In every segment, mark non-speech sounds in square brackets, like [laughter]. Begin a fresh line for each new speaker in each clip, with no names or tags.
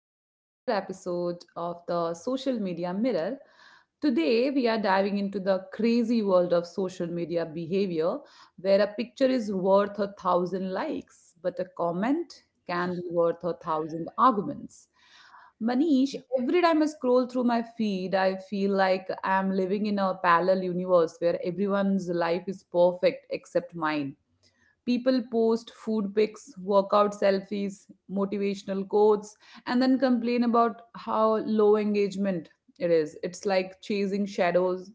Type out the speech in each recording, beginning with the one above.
to another episode of the Social Media Mirror. Today, we are diving into the crazy world of social media behavior where a picture is worth a thousand likes, but a comment can be worth a thousand arguments. Manish,
Yeah.
every time I scroll through my feed, I feel like I'm living in a parallel universe where everyone's life is perfect except mine. People post food pics, workout selfies, motivational quotes, and then complain about how low engagement it is. It's like chasing shadows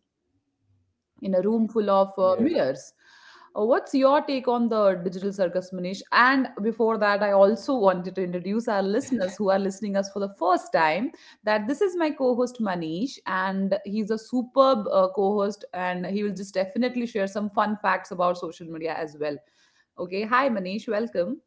in a room full of
Yeah.
mirrors. What's your take on the digital circus, Manish? And before that, I also wanted to introduce our listeners who are listening us for the first time. That this is my co-host Manish, and he's a superb co-host, and he will just definitely share some fun facts about social media as well. Okay, hi Manish, welcome.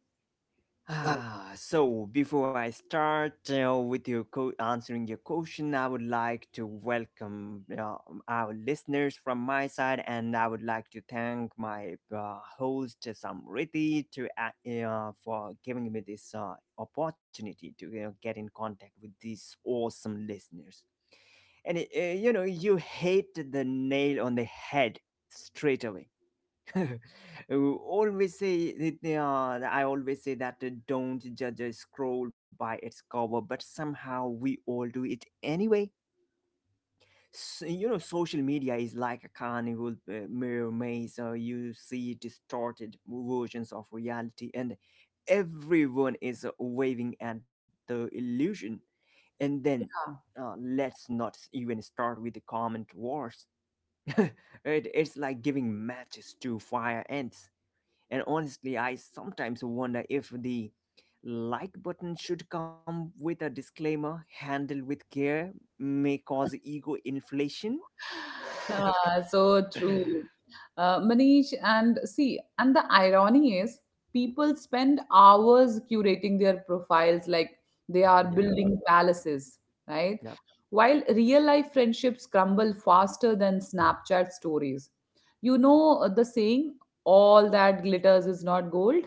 So before I start answering your question, I would like to welcome our listeners from my side, and I would like to thank my host Samriti to for giving me this opportunity to get in contact with these awesome listeners. And you know, you hit the nail on the head straight away. [laughs] I always say that don't judge a scroll by its cover, but somehow we all do it anyway. So, you know, social media is like a carnival mirror maze. You see distorted versions of reality, and everyone is waving at the illusion. And then, let's not even start with the comment wars. [laughs] it, it's like giving matches to fire ants, and honestly, I sometimes wonder if the like button should come with a disclaimer: handle with care, may cause ego inflation.
Ah, so
[laughs]
true. Manish, and see, and the irony is, people spend hours curating their profiles like they are
Yeah,
building palaces,
yeah,
right? While real life friendships crumble faster than Snapchat stories. You know the saying, all that glitters is not gold?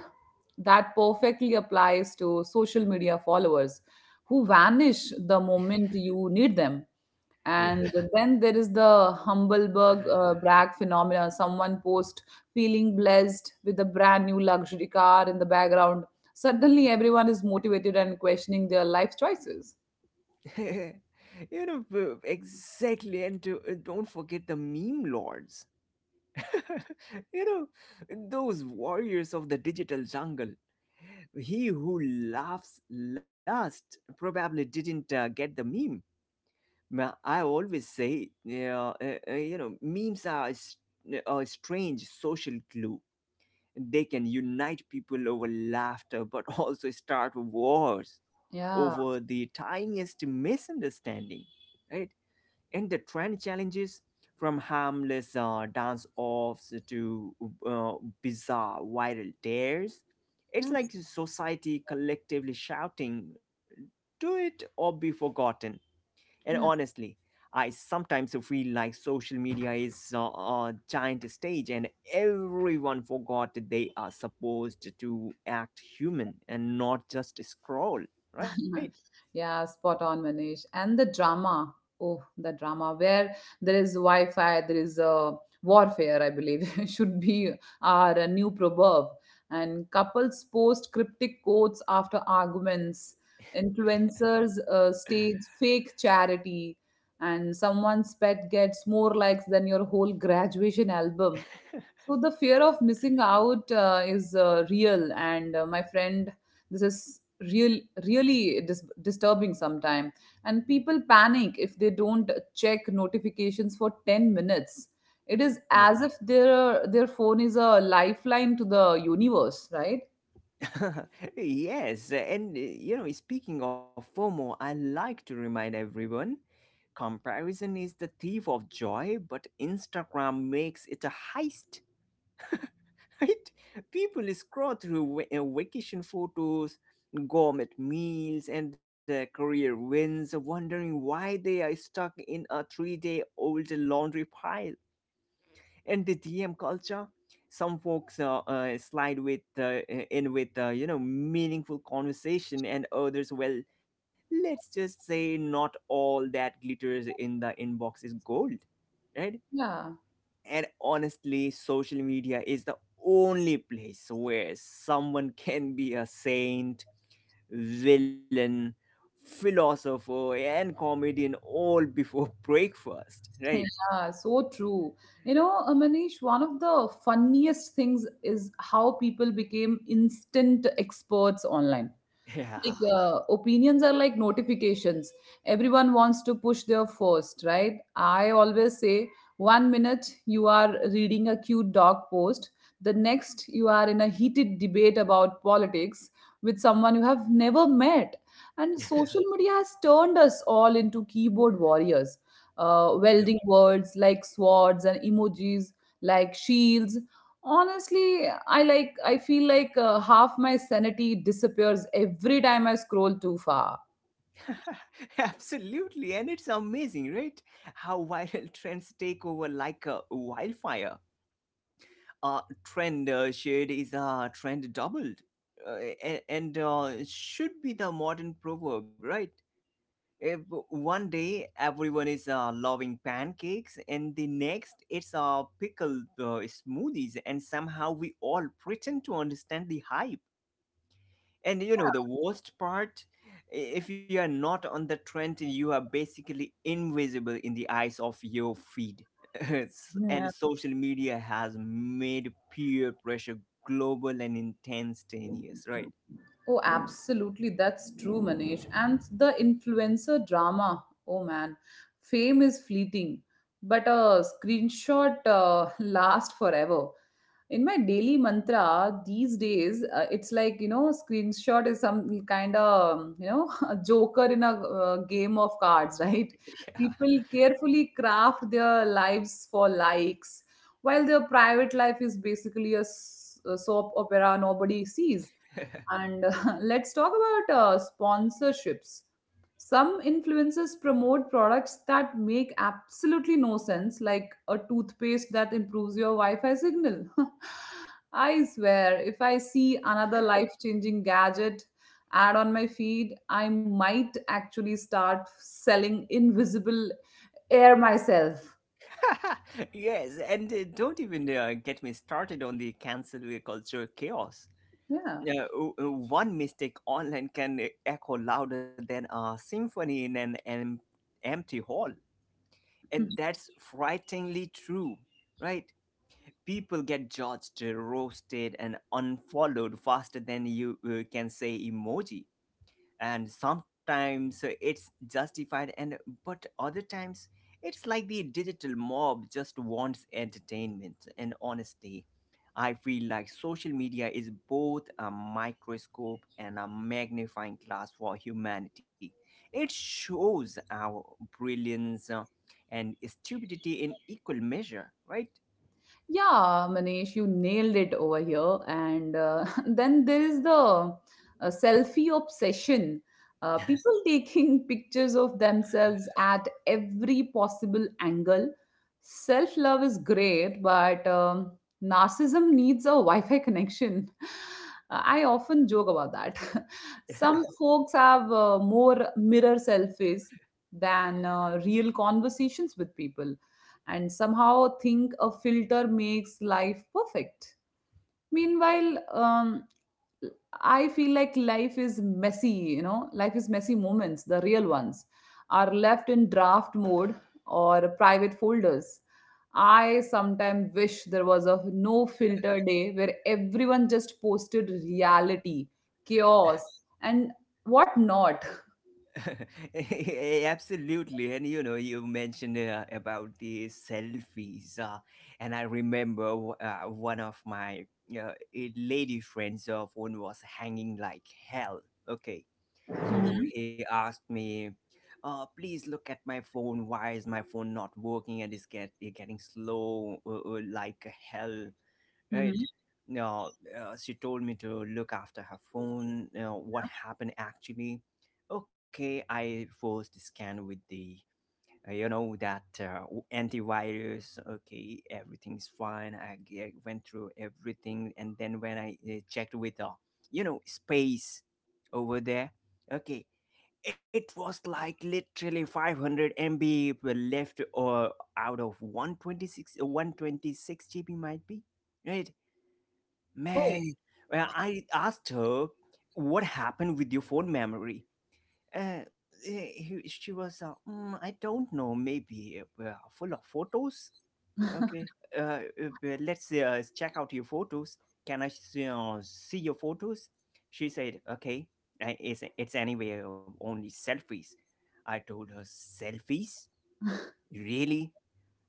That perfectly applies to social media followers who vanish the moment you need them.
yeah.
And then there is the Humbleberg brag phenomena. Someone post feeling blessed with a brand new luxury car in the background. Suddenly, everyone is motivated and questioning their life choices.
[laughs] You know, exactly. Don't forget the meme lords. [laughs] You know, those warriors of the digital jungle. He who laughs last probably didn't get the meme. I always say, yeah, you know, memes are a strange social glue. They can unite people over laughter, but [laughs] also start wars over
Yeah.
the tiniest misunderstanding, right? And the trend challenges, from harmless dance offs to uh, bizarre viral dares. It's
Yes.
like society collectively shouting, do it or be forgotten, and
Yes.
honestly, I sometimes feel like social media is a giant stage and everyone forgot that they are supposed to act human and not just scroll, right?
[laughs] yeah, spot on, Manish. And the drama. Oh, the drama where there is Wi Fi, there is warfare, I believe, [laughs] should be our new proverb. And couples post cryptic quotes after arguments, influencers stage fake charity, and someone's pet gets more likes than your whole graduation album. So the fear of missing out is real, and my friend, this is real, really disturbing sometime. And people panic if they don't check notifications for 10 minutes. It is as if their phone is a lifeline to the universe, right?
Yeah. [laughs] Yes, and you know, speaking of FOMO, I like to remind everyone: comparison is the thief of joy, but Instagram makes it a heist, right? People scroll through vacation photos, gourmet meals, and career wins, wondering why they are stuck in a 3 day old laundry pile. And the DM culture, some folks slide with in with you know, meaningful conversation, and others, well, let's just say not all that glitters in the inbox is gold, right?
Yeah,
And honestly, social media is the only place where someone [laughs] can be a saint, villain, philosopher, and comedian all before [laughs] breakfast,
[laughs]
right?
yeah, so true. You know, Manish, one of the funniest things is how people became instant experts online like
Yeah.
opinions are like notifications. Everyone wants to push their first, right? I always say, one minute you are reading a cute dog post, the next you are in a heated debate about politics with someone you have never met. And social
[laughs]
media has turned us all into keyboard warriors,
Yep.
welding words like swords and emojis like shields. Honestly, I I feel like half my sanity disappears every time I scroll too far.
[laughs] Absolutely, and it's amazing, right? How viral [laughs] trends take over like a wildfire. Trend shared is a trend doubled and should be the modern proverb, right? If one day everyone is loving pancakes and the next it's pickle smoothies, and somehow we all pretend to understand the hype. And you know, the worst part, if you are not on the trend, you are basically invisible in the eyes of your feed. [laughs] And
Yeah.
social media has made peer pressure global and instantaneous, right?
Oh, absolutely. That's true, Manish. And the influencer drama. Oh, man. Fame is fleeting, but a screenshot [laughs] lasts forever. In my daily mantra these days, it's like, you know, screenshot is some kind of you know, [laughs] a joker in a game of cards, [laughs] right?
[laughs] Yeah.
People carefully craft their lives for likes while their private life is a soap opera nobody sees.
[laughs]
And [laughs] let's talk about sponsorships. Some influencers promote products that make absolutely no sense, like a toothpaste that improves your Wi Fi signal. [laughs] I swear, if I see another life changing gadget ad on my feed, I might actually start selling invisible air myself.
[laughs] Yes, and don't even get me started on the cancel culture chaos.
Yeah.
Yeah, one mistake online can echo louder than a symphony in an empty hall. And that's frighteningly true, right? People get judged, roasted, and unfollowed faster than you can say emoji, and sometimes it's justified, and but other times it's like the digital mob just wants entertainment. And honesty, I feel like social media is both a microscope and a magnifying glass for humanity. It shows our brilliance and stupidity in equal measure, right?
Yeah, Manish, you nailed it over here. And [laughs] then there is the selfie obsession. People taking [laughs] pictures of themselves at every possible angle. Self love is great, but narcissism needs a Wi Fi connection. [laughs] I often joke about that. [laughs] Some folks have more mirror selfies than real conversations with people and somehow think a filter makes life perfect. Meanwhile, I feel like life is messy moments, the real ones are left in draft mode or private folders. I sometimes wish there was a no filter day where everyone just posted reality, chaos, and what not.
[laughs] Absolutely. And you know, you mentioned about the selfies. And I remember one of my lady friends' phone was hanging like hell. Okay. So
Mhm,
he asked me, please look at my phone. Why is my phone not working? And it's getting slow like hell,
mhm.
right? Now, she told me to look after her phone. You know, what happened, actually? Okay, I forced scan with the you know, that antivirus. Okay, everything's fine. I went through everything, and then when I checked with the you know, space over there. Okay, it was like literally 500 MB were left, or out of 126 126 GB, might be, right?
Oh.
Man, well, I asked her, what happened with your phone memory? Uh, she was, "Mm, I don't know, maybe full of photos." Okay, well, let's check out your photos. Can I see, see your photos? She said, okay, it's anyway only selfies. I told her, selfies? Really?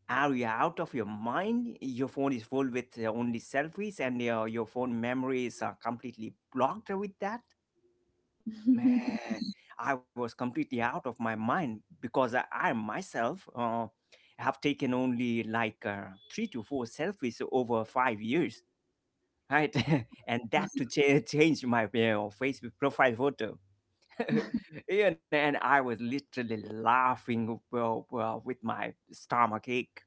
Are you out of your mind? Your phone is full with only selfies, and your phone memory is completely blocked with that.
[laughs]
Man, I was completely out of my mind because I myself have taken only like three to four selfies over 5 years, right? [laughs] And that to change my Facebook profile photo. [laughs] You know, and I was literally laughing with my stomach ache.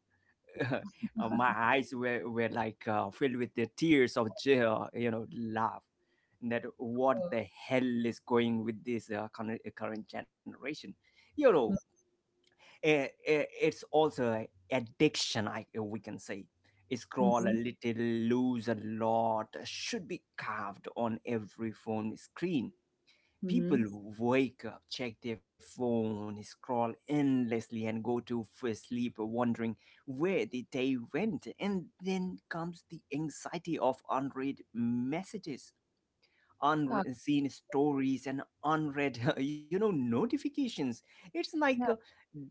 [laughs] My eyes were like filled with the tears of joy, you know, love. That what the hell is going with this current generation? You know, it's also a addiction, I we can say.
Mhm,
Scroll a
mhm,
little, lose a lot, should be carved on every phone screen. People
mhm.
wake up, check their phone, scroll endlessly, and go to sleep wondering where the day went. And then comes the anxiety of unread messages,
[laughs]
unseen stories, and unread, [laughs] you know, notifications. It's
Yeah.
like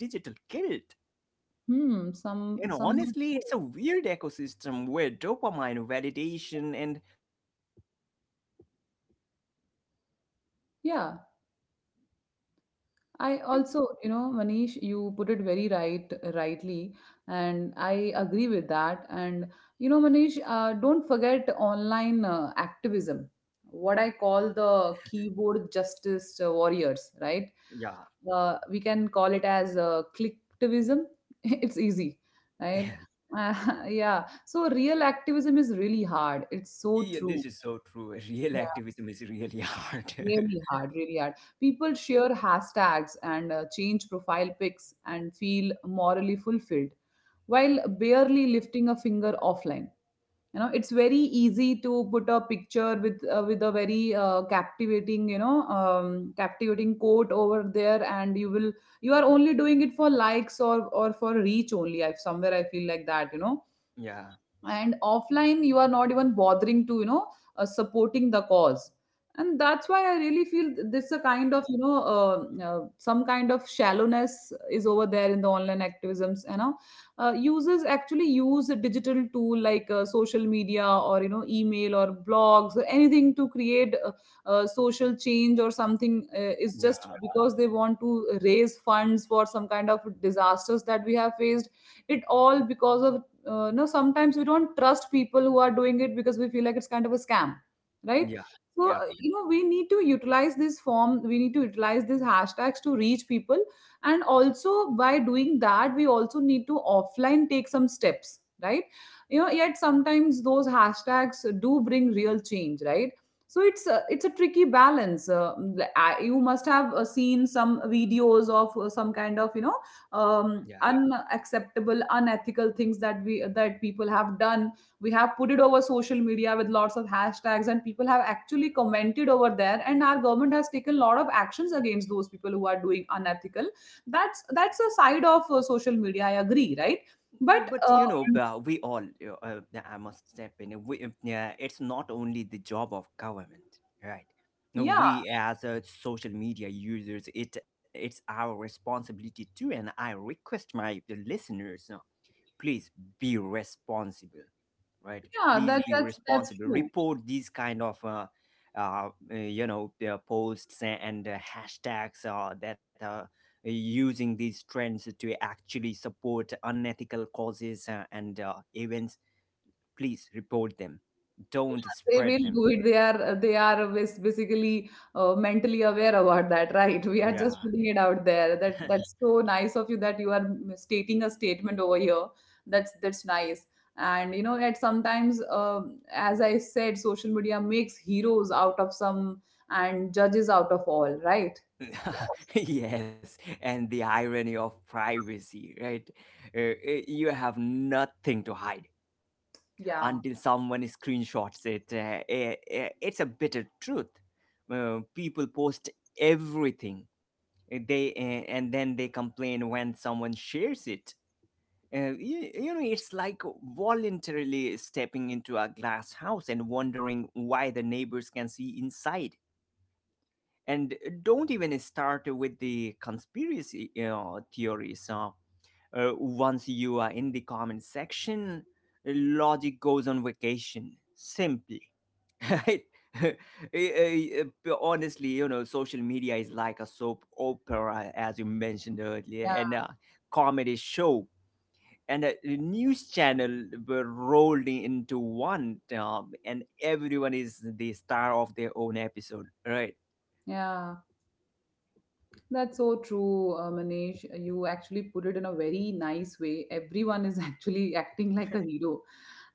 digital guilt.
Hmm, some
And
somewhat
honestly,
right.
it's a weird ecosystem where dopamine, validation, and comparison ruled the world simultaneously, right?
Yeah. I also, you know, Manish, you put it very right, rightly, and I agree with that. And you know, Manish, don't forget online activism, what I call the keyboard justice warriors, right?
Yeah.
We can call it as clicktivism. [laughs] It's easy, right?
[laughs]
Uh, [laughs] yeah. So real activism is really hard. It's so
Yeah.
true.
This is so true. [laughs] Real activism is really hard.
Really
[laughs]
hard, really hard. People share hashtags and change profile pics and feel morally fulfilled while barely lifting a finger offline. You know, it's very easy to put a picture with a very captivating, you know, captivating quote over there, and you are only doing it for likes or for reach only. I feel like that, you know.
Yeah.
And offline you are not even bothering to, you know, supporting the cause,
Yeah.
and that's why I really feel this a kind of, you know, some kind of shallowness is over there in the online activisms, you know. Users actually use a digital tool like social media or, you know, email or blogs or anything to create social change or something, is just
Yeah.
because they want to raise funds for some kind of disasters that we have faced. It all because of no, sometimes we don't trust people who are doing it because we feel like it's kind of a scam, right?
Yeah.
So,
Yeah.
you know, we need to utilize this form. We need to utilize these hashtags to reach people, and also by doing that we also need to offline take some steps, right? You know, yet sometimes those hashtags do bring real change, right? So it's a tricky balance. You must have seen some videos of some kind of, you know,
Yeah.
unacceptable unethical things that we that people have done. We have put it over social media with lots of hashtags, and people have actually commented over there, and our government has taken a lot of actions against those people who are doing unethical. That's a side of social media, I agree, right? But
But you know we all uh, uh, I must step in. Yeah, it's not only the job of government, right? No,
yeah,
we as social media users, it's our responsibility too, and I request my the listeners, please be responsible, right?
yeah,
Please
that's
be
that's
responsible.
true.
Report these kind of you know, posts and hashtags that are using these trends to actually support unethical causes and events. Please report them. Don't
They
spread
will
them.
do it. They are they are basically mentally aware about that, right? [laughs] we are just
Yeah.
putting it out there. That
[laughs]
that's so nice of you that you are stating a statement over here. That's nice. And you know, at sometimes, as I said, social media makes heroes out of some and judges out of all, right?
[laughs] Yes, and the irony of privacy, right? You have nothing to hide
Yeah.
until someone screenshots it. It's a bitter truth. People post everything. They and then they complain when someone shares it. You know, it's like voluntarily stepping into a glass house and wondering why the neighbors can see inside. And don't even start with the conspiracy, you know, theories. Once you are in the comment section, logic goes on vacation. Simply, [laughs] right? Eh, Honestly, you know, social media is like a soap opera, as you mentioned earlier,
Yeah,
and a comedy show and a news channel were rolled into one, and everyone is the star of their own episode, right?
yeah. That's so true, Manish. You actually put it in a very nice way. Everyone is [laughs] actually acting like a hero.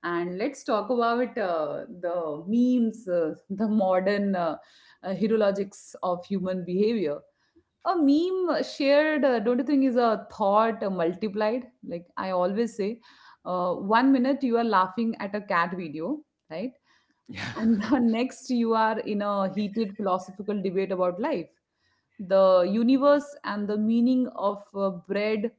And let's talk about the memes, the modern herologics of human behavior. A meme shared, don't you think, is a thought multiplied? Like I always say, one minute you are laughing at a cat video, right? And
[laughs]
the [laughs] next you are in a heated philosophical debate about life, the universe, and the meaning of bread.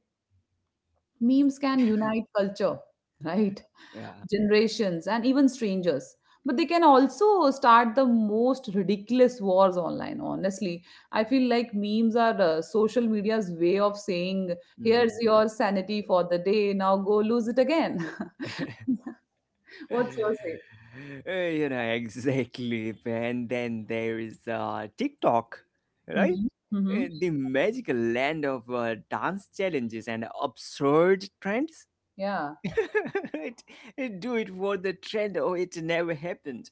Memes can unite culture, [laughs] right,
Yeah.
generations, and even strangers, but they can also start the most ridiculous wars online. Honestly, I feel like memes are social media's way of saying, here's
Mm.
your sanity for the day, now go lose it again. [laughs] what's
[laughs]
your say?
You know, exactly. And then there is TikTok, right?
Mm-hmm. Mm-hmm.
The magical land of dance challenges and absurd trends.
Yeah.
[laughs] Right? Do it for the trend or it never happened.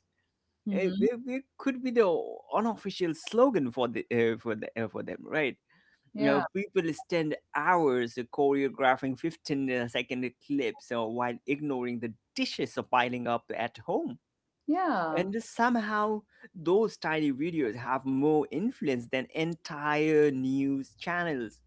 Mm-hmm.
It could be the unofficial slogan for the for them, right? You
Yeah,
know, people spend hours choreographing 15-second clips while ignoring the dishes piling up at home.
yeah,
And somehow, those tiny videos have more influence than entire news channels.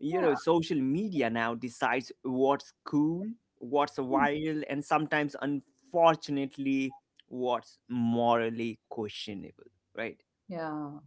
You
yeah,
know, social media now decides what's cool, what's viral, and sometimes, unfortunately, what's morally questionable, right?
yeah.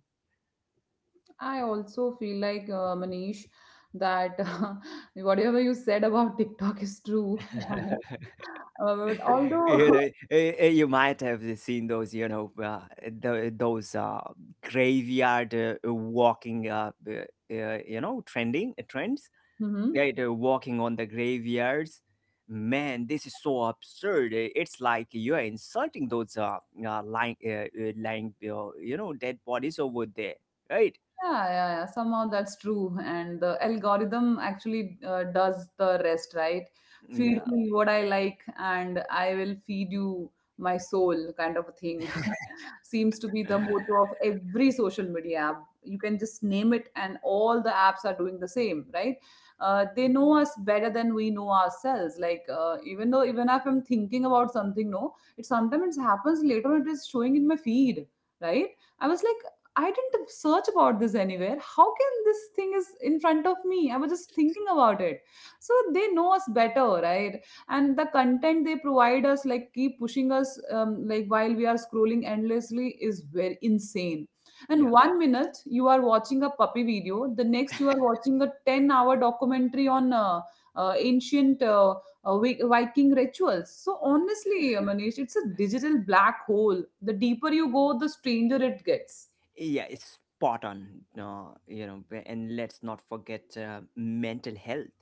I also feel like, Manish, that [laughs] whatever you said about TikTok is true.
[laughs]
But
[laughs] You
although,
know, you might have seen those, you know, those graveyard walking, you know, trending trends,
[laughs] Mhm.
right? Walking on the graveyards. Man, this is so absurd. It's like you are insulting those lying, you know, dead bodies over there, right?
Yeah, yeah, yeah. Somehow that's true. And the algorithm actually does the rest, right? Feed
Yeah,
me what I like, and I will feed you my soul, kind of a thing. [laughs] Seems to be the
[laughs]
motto of every social media app. You can just name it, and all the apps are doing the same, right? They know us better than we know ourselves. Like, even if I'm thinking about something, no, it sometimes happens later, it is showing in my feed, right? I was like, I didn't search about this anywhere. How can this thing is in front of me? I was just thinking about it. So they know us better, right? And the content they provide us, like keep pushing us, like while we are scrolling endlessly, is very insane.
yeah.
And one minute you are watching a puppy video, the next you are watching a 10-hour documentary on ancient Viking rituals. So honestly, Manish, it's a digital black hole. The deeper you go, the stranger it gets.
Yeah, it's spot on. You know, and let's not forget mental health,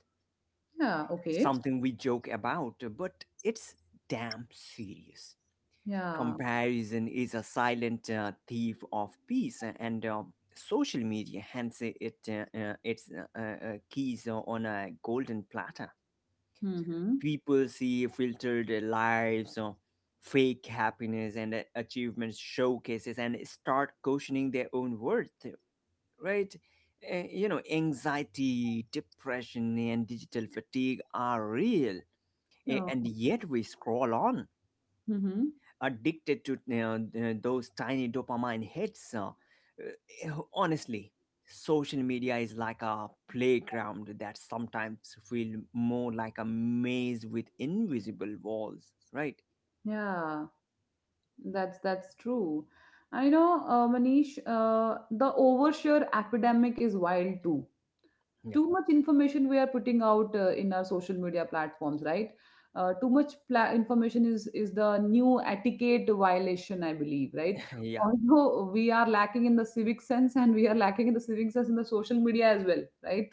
Yeah, okay.
something we joke about, but it's damn serious.
Yeah.
Comparison is a silent thief of peace, and social media hands it its keys on a golden platter.
Mhm.
People see filtered lives, fake happiness, and achievements showcases, and start questioning their own worth, right? You know, anxiety, depression, and digital fatigue are real,
Oh.
and yet we scroll on,
Mhm.
addicted to you know, those tiny dopamine hits. Honestly, social media is like a playground that sometimes feel more like a maze with invisible walls, right?
Yeah. That's true. And you know, Manish, the overshare epidemic is wild too.
Yeah,
Too much information we are putting out in our social media platforms, right? Too much information is the new etiquette violation, I believe, right?
[laughs] yeah.
Although we are lacking in the civic sense and we are lacking in the civic sense in the social media as well, right?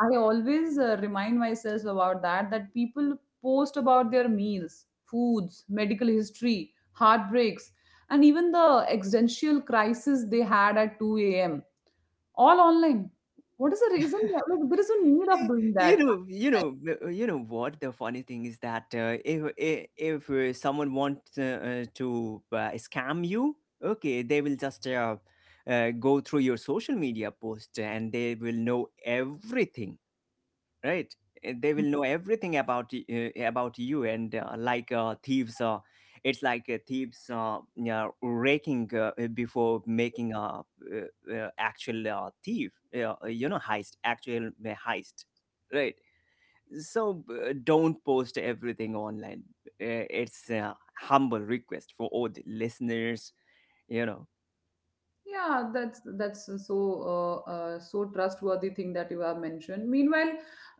I always remind myself about that people post about their meals, foods, medical history, heartbreaks, and even the existential crisis they had at 2 a.m. all online. What is the reason? Like, there is no need of
Eh,
doing
You
that.
know, you know, uh, you know what the funny thing is that if someone wants to scam you, okay, they will just go through your social media post and they will know everything, right. They will know everything about you and like thieves, yeah, raking, before making a actual thief you know heist actual heist, right. So don't post everything online. It's a humble request for all the listeners you know
Yeah, that's so so trustworthy thing that you have mentioned. Meanwhile,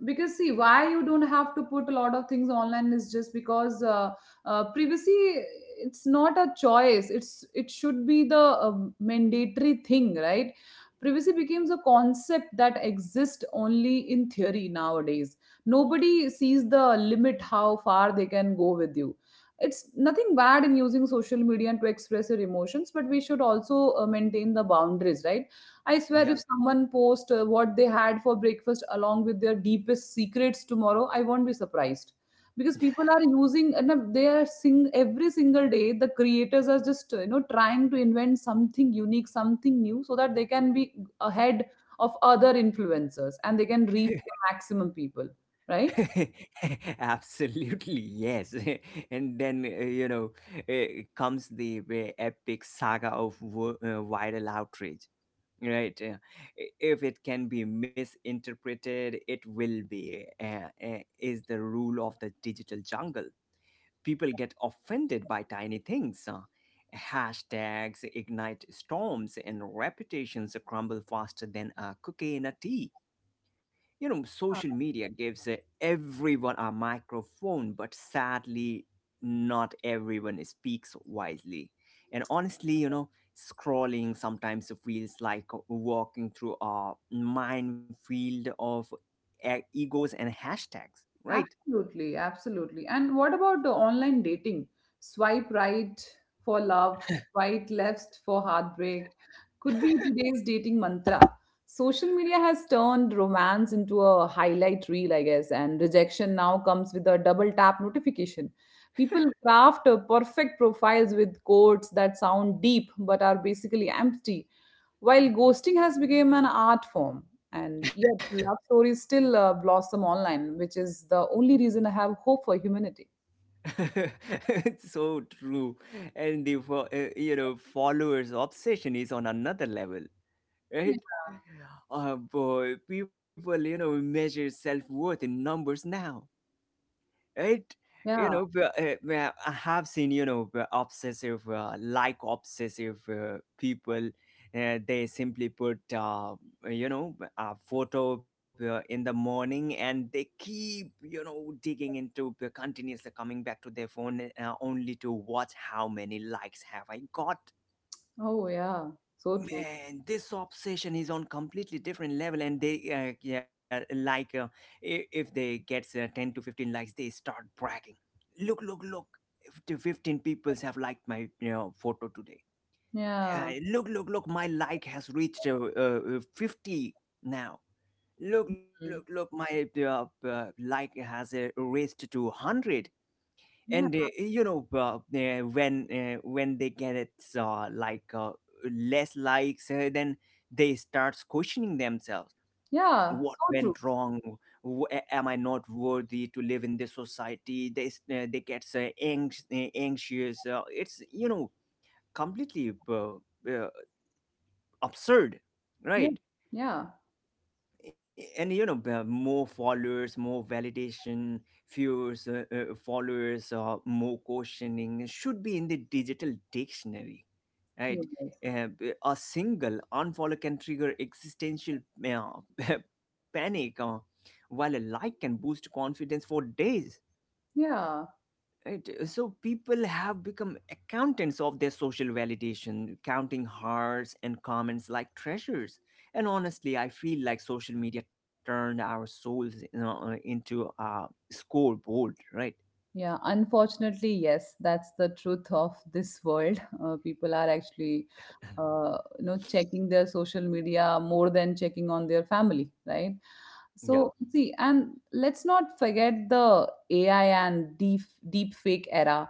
because see why you don't have to put a lot of things online is just because privacy, it's not a choice. It should be the mandatory thing, right? Privacy becomes a concept that exists only in theory nowadays. Nobody sees the limit how far they can go with you. It's nothing bad in using social media and to express your emotions, but we should also maintain the boundaries, right? I swear, if
Yeah.
someone posts what they had for breakfast along with their deepest secrets tomorrow, I won't be surprised, because people are using and they are sing every single day. The creators are just trying to invent something unique, something new, so that they can be ahead of other influencers and they can reach the maximum people, right?
[laughs] Absolutely, yes. [laughs] And then, uh, comes the epic saga of viral outrage, right? If it can be misinterpreted, it will be, is the rule of the digital jungle. People get offended by tiny things. Hashtags ignite storms and reputations crumble faster than a cookie in a tea. You know, social media gives everyone a microphone, but sadly, not everyone speaks wisely. And honestly, you know, scrolling sometimes feels like walking through a minefield of egos and hashtags, right?
Absolutely, absolutely. And what about the online dating? Swipe right for love, swipe left for heartbreak. Could be today's dating mantra. Social media has turned romance into a highlight reel, I guess, and rejection now comes with a double tap notification. People craft perfect profiles with quotes that sound deep but are basically empty, while ghosting has become an art form. And yet, love stories still blossom online, which is the only reason I have hope for humanity.
[laughs] It's so true. And the you know, followers obsession is on another level,
Yeah.
right. Boy, people, you know, measure self-worth in numbers now, right. You
Yeah.
know, I have seen, you know, b- obsessive like obsessive people. They simply put, you know, a photo in the morning and they keep, you know, digging into, continuously coming back to their phone only to watch how many likes have I got.
Oh, yeah. So true.
Man, this obsession is on completely different level, and they, if they gets 10 to 15 likes, they start bragging. Look, look, look! If the 15 peoples have liked my, you know, photo today.
Yeah.
Look, look, look! My like has reached 50 now. Look, look, look!
Mm.
My like has raised to 100.
Yeah.
And when they get it, less likes, then they start questioning themselves, what
Yeah.
went
So true.
wrong. Am I not worthy to live in this society? They get anxious. It's, you know, completely uh, absurd,
Yeah.
right.
Yeah.
And you know, more followers, more validation, viewers, followers, more questioning should be in the digital dictionary, right.
Yes.
A single unfollow can trigger existential, uh, [laughs] panic, while a like can boost confidence for days.
Yeah.
Right. So people have become accountants of their social validation, counting hearts and comments like treasures. And honestly, I feel like social media turned our souls, you know, into a scoreboard, right?
Yeah, unfortunately, yes, that's the truth of this world. [laughs] People are actually checking their social media more than checking on their family, right?
Yeah,
So, see, and let's not forget the AI and deep fake era.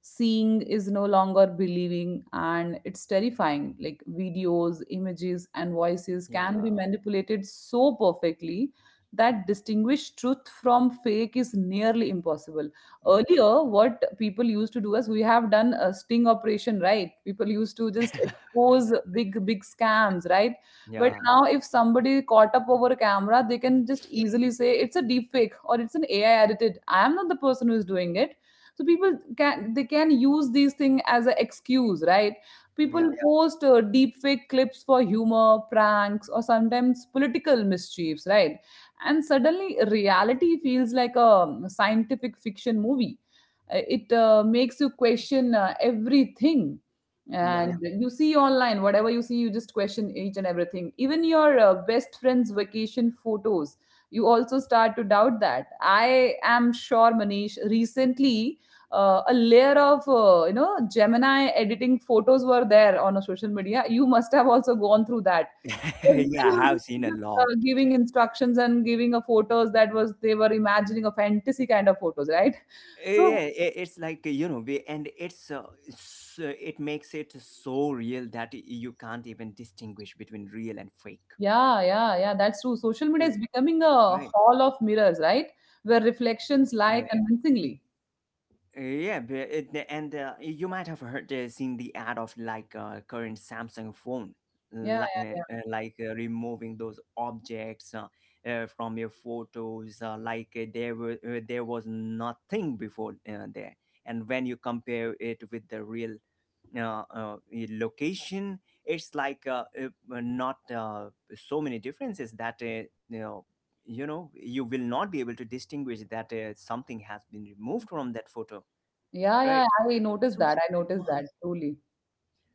Seeing is no longer believing, and it's terrifying. Like videos, images, and voices can be
yeah,
manipulated so perfectly that distinguish truth from fake is nearly impossible.
yeah,
Earlier, what people used to do is we have done a sting operation, right? People used to just
[laughs]
expose big big scams, right? But
yeah,
now if somebody caught up over a camera, they can just easily say it's a deep fake or it's an ai edited, I am not the person who is doing it. So people can, they can use these things as an excuse, right? people
yeah,
Yeah. post deep fake clips for humor, pranks, or sometimes political mischiefs, right? And suddenly reality feels like a scientific fiction movie. It makes you question everything. And
yeah.
you see online whatever you see, you just question each and everything, even your best friend's vacation photos, you also start to doubt that. I am sure, Manish, recently a layer of gemini editing photos were there on a social media, you must have also gone through that.
[laughs]
Everybody
Yeah, I
was
have seen a
just
lot.
giving instructions and giving a photos that was they were imagining a fantasy kind of photos, right? So
Yeah, it's like, you know, we and it's it makes it so real that you can't even distinguish between real and fake,
yeah, yeah, yeah, that's true. Social media is becoming
right?
a hall of mirrors, right? Where reflections
Yeah,
lie convincingly.
yeah, but it, and you might have heard, seen the ad of like current Samsung phone,
Yeah,
like, removing those objects, from your photos, there were, there was nothing before there. And when you compare it with the real, uh, uh, location, it's like, not so many differences that, you know you know, you will not be able to distinguish that something has been removed from that photo,
yeah, yeah.
right.
I noticed
So
that. I noticed
my
that truly.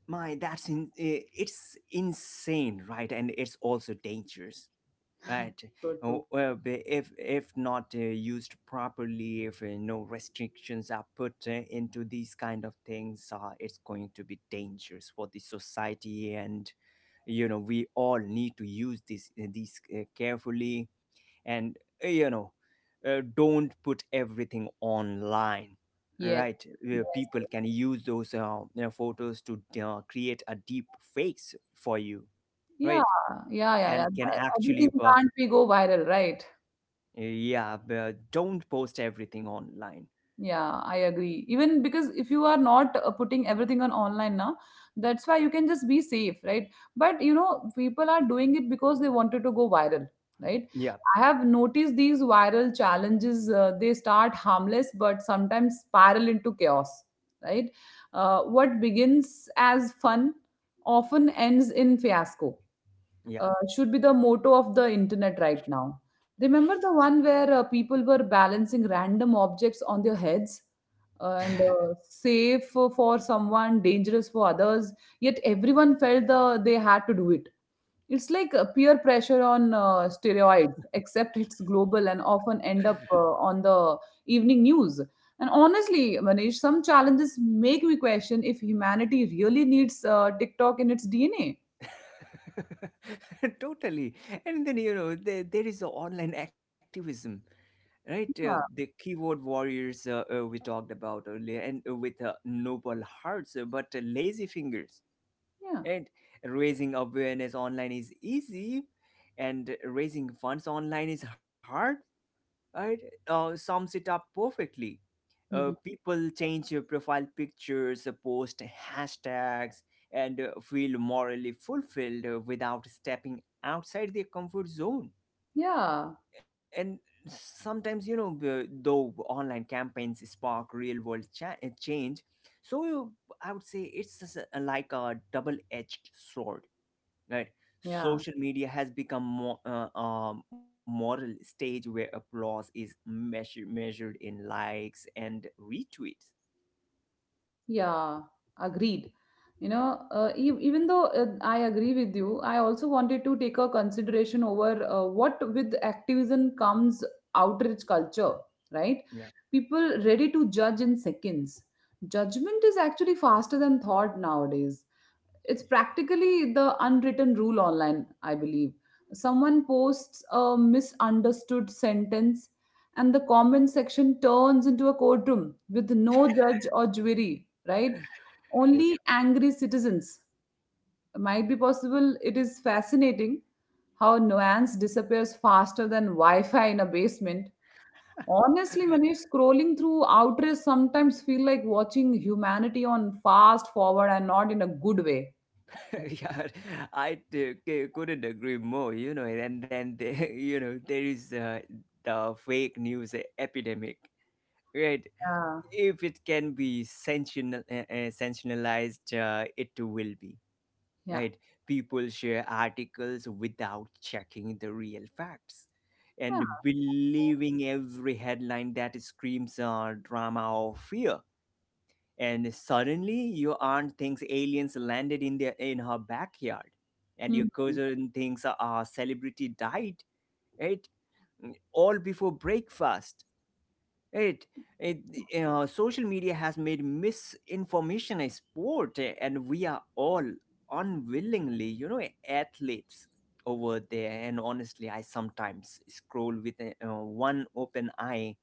my that's in, it's insane, right. And it's also dangerous. Right.
So true.
Oh, well, if not used properly, if no restrictions are put into these kind of things, it's going to be dangerous for the society, and you know, we all need to use this these carefully, and uh, you know don't put everything online.
Yes.
Right, where
Yes.
people can use those, you know, photos to create a deep fakes for you,
Yeah.
right,
Yeah. Yeah. Yeah.
and can
Everything
actually
can't be go viral, right?
yeah, but don't post everything online.
Yeah, I agree. Even because if you are not putting everything on online now, that's why you can just be safe, right? But you know, people are doing it because they wanted to go viral, right?
Yeah,
I have noticed these viral challenges, they start harmless, but sometimes spiral into chaos, right? What begins as fun often ends in fiasco,
yeah,
should be the motto of the internet right now. Remember the one where people were balancing random objects on their heads, and safe for someone, dangerous for others, yet everyone felt the, they had to do it. It's like peer pressure on steroids, except it's global and often end up on the evening news. And honestly, Manish, some challenges make me question if humanity really needs TikTok in its DNA.
[laughs] totally. And then, you know, there is the online activism, right? The
Yeah.
keyword warriors we talked about earlier, and with noble hearts, but lazy fingers.
Yeah.
And raising awareness online is easy, and raising funds online is hard, right? Sums it up perfectly.
Hmm.
People change your profile pictures, post hashtags, and feel morally fulfilled without stepping outside their comfort zone.
Yeah,
And sometimes, you know, though online campaigns spark real world change, so you- I would say it's just like a double edged sword, right?
yeah,
Social media has become more a moral stage where applause is measured in likes and retweets.
yeah, agreed. You know, e even though I agree with you, I also wanted to take a consideration over what with activism comes outrage culture,
Yeah.
right? People ready to judge in seconds. Judgment is actually faster than thought nowadays. It's practically the unwritten rule online, I believe. Someone posts a misunderstood sentence and the comment section turns into a courtroom with no judge or jury, right?
Yep.
Only angry citizens. Might be possible. It is fascinating how nuance disappears faster than wi-fi in a basement. Honestly, Manish, scrolling through outrage sometimes feel like watching humanity on fast forward, and not in a good way.
[laughs] Yeah. I couldn't agree more. You know, and then [laughs] you know there is the fake news epidemic, right? If it can be sensational, sensationalized, it will be,
Yeah.
right. People share articles without checking the real facts, and
Yeah.
believing every headline that screams drama or fear, and suddenly your aunt thinks aliens landed in their in her backyard and your
Mhm.
cousin thinks a celebrity died, right, all before breakfast, right. it, Social media has made misinformation a sport, and we are all unwillingly, you know, athletes over there. And honestly, I sometimes scroll with, one open eye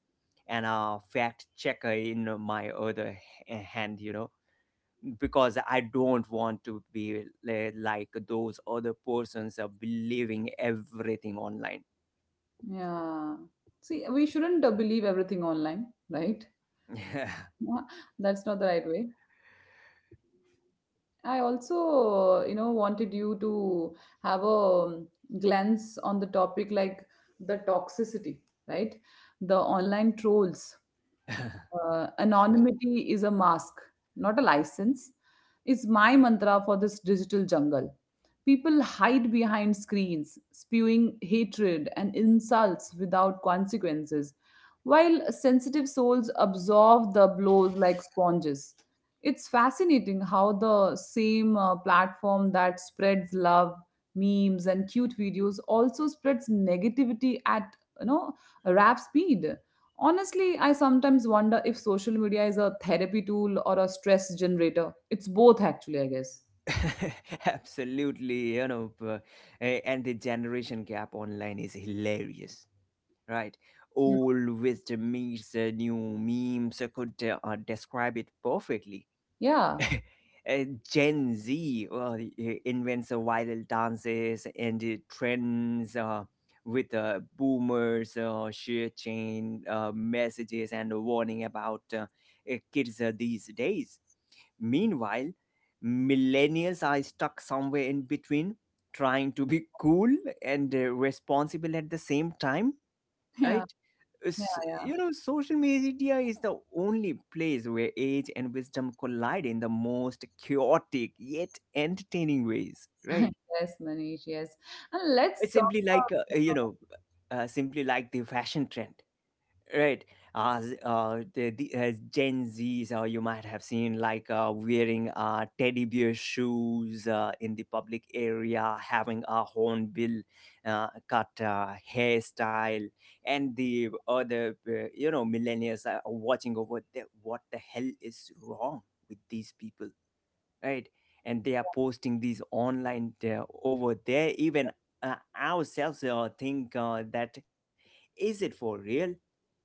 and a fact checker in my other hand, you know, because I don't want to be like those other persons are believing everything online.
Yeah. See, we shouldn't believe everything online, right?
[laughs] Yeah,
Yeah, that's not the right way. I also, wanted you to have a glance on the topic like the toxicity, right? The online trolls.
sure.
Anonymity is a mask, not a license, is my mantra for this digital jungle. People hide behind screens, spewing hatred and insults without consequences, while sensitive souls absorb the blows like sponges. It's fascinating how the same platform that spreads love, memes, and cute videos also spreads negativity at rap speed. Honestly, I sometimes wonder if social media is a therapy tool or a stress generator. It's both, actually, I guess.
[laughs] Absolutely, you know, and the generation gap online is hilarious, right?
Hmm.
Old wisdom meets the new memes. I could describe it perfectly.
Yeah.
[laughs] Gen Z uh, invents viral dances and trends, with boomers share chain messages and warning about kids these days. Meanwhile, millennials are stuck somewhere in between, trying to be cool and responsible at the same time,
[laughs] Yeah,
right?
yeah, yeah.
You know, social media is the only place where age and wisdom collide in the most chaotic yet entertaining ways, right?
[laughs] Yes, Manish. Yes, and let's
It's
talk
simply like,
about.
simply like the fashion trend. Right. As the as Gen Zs, you might have seen like wearing teddy bear shoes in the public area, having a hornbill cut hairstyle, and the other, you know, millennials are watching over the, what the hell is wrong with these people, right? And they are posting these online over there. Even ourselves think that is it for real?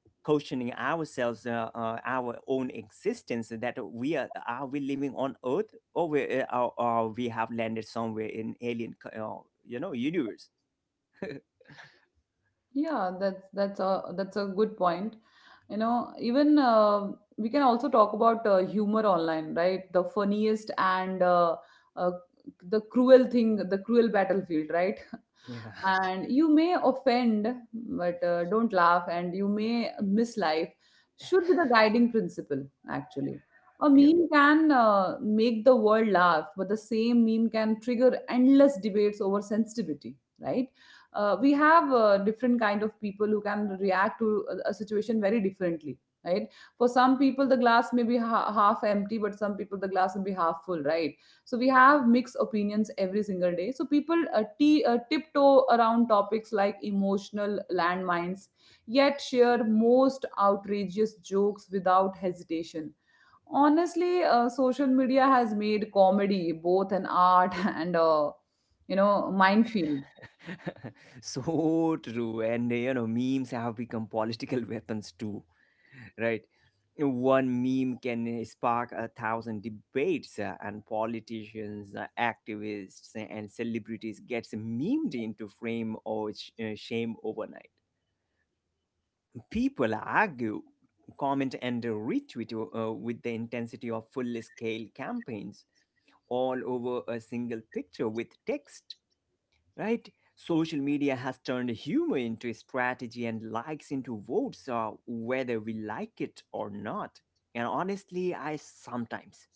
Questioning ourselves, our own existence, that we are we living on Earth, or we or we have landed somewhere in alien, you know, universe. [laughs]
Yeah, that's that's a good point. You know, even we can also talk about humor online, right? The funniest and uh, the cruel thing, the cruel battlefield, right?
Yeah.
And you may offend but don't laugh and you may miss life, should be the guiding principle actually. A
Yep.
meme can make the world laugh, but the same meme can trigger endless debates over sensitivity, right? We have different kind of people who can react to a situation very differently, right? For some people the glass may be half empty, but some people the glass will be half full, right? So we have mixed opinions every single day. So people tiptoe around topics like emotional landmines, yet share most outrageous jokes without hesitation. Honestly, social media has made comedy both an art [laughs] and a minefield.
[laughs] So true. And you know, memes have become political [laughs] weapons too. Right? One meme can, spark a thousand debates, and politicians, activists, and celebrities gets memed into frame or shame overnight. People argue, comment, and retweet, with the intensity of full-scale campaigns all over a single picture with text, right? Social media has turned humor into a strategy and likes into votes, whether we like it or not. And honestly, I sometimes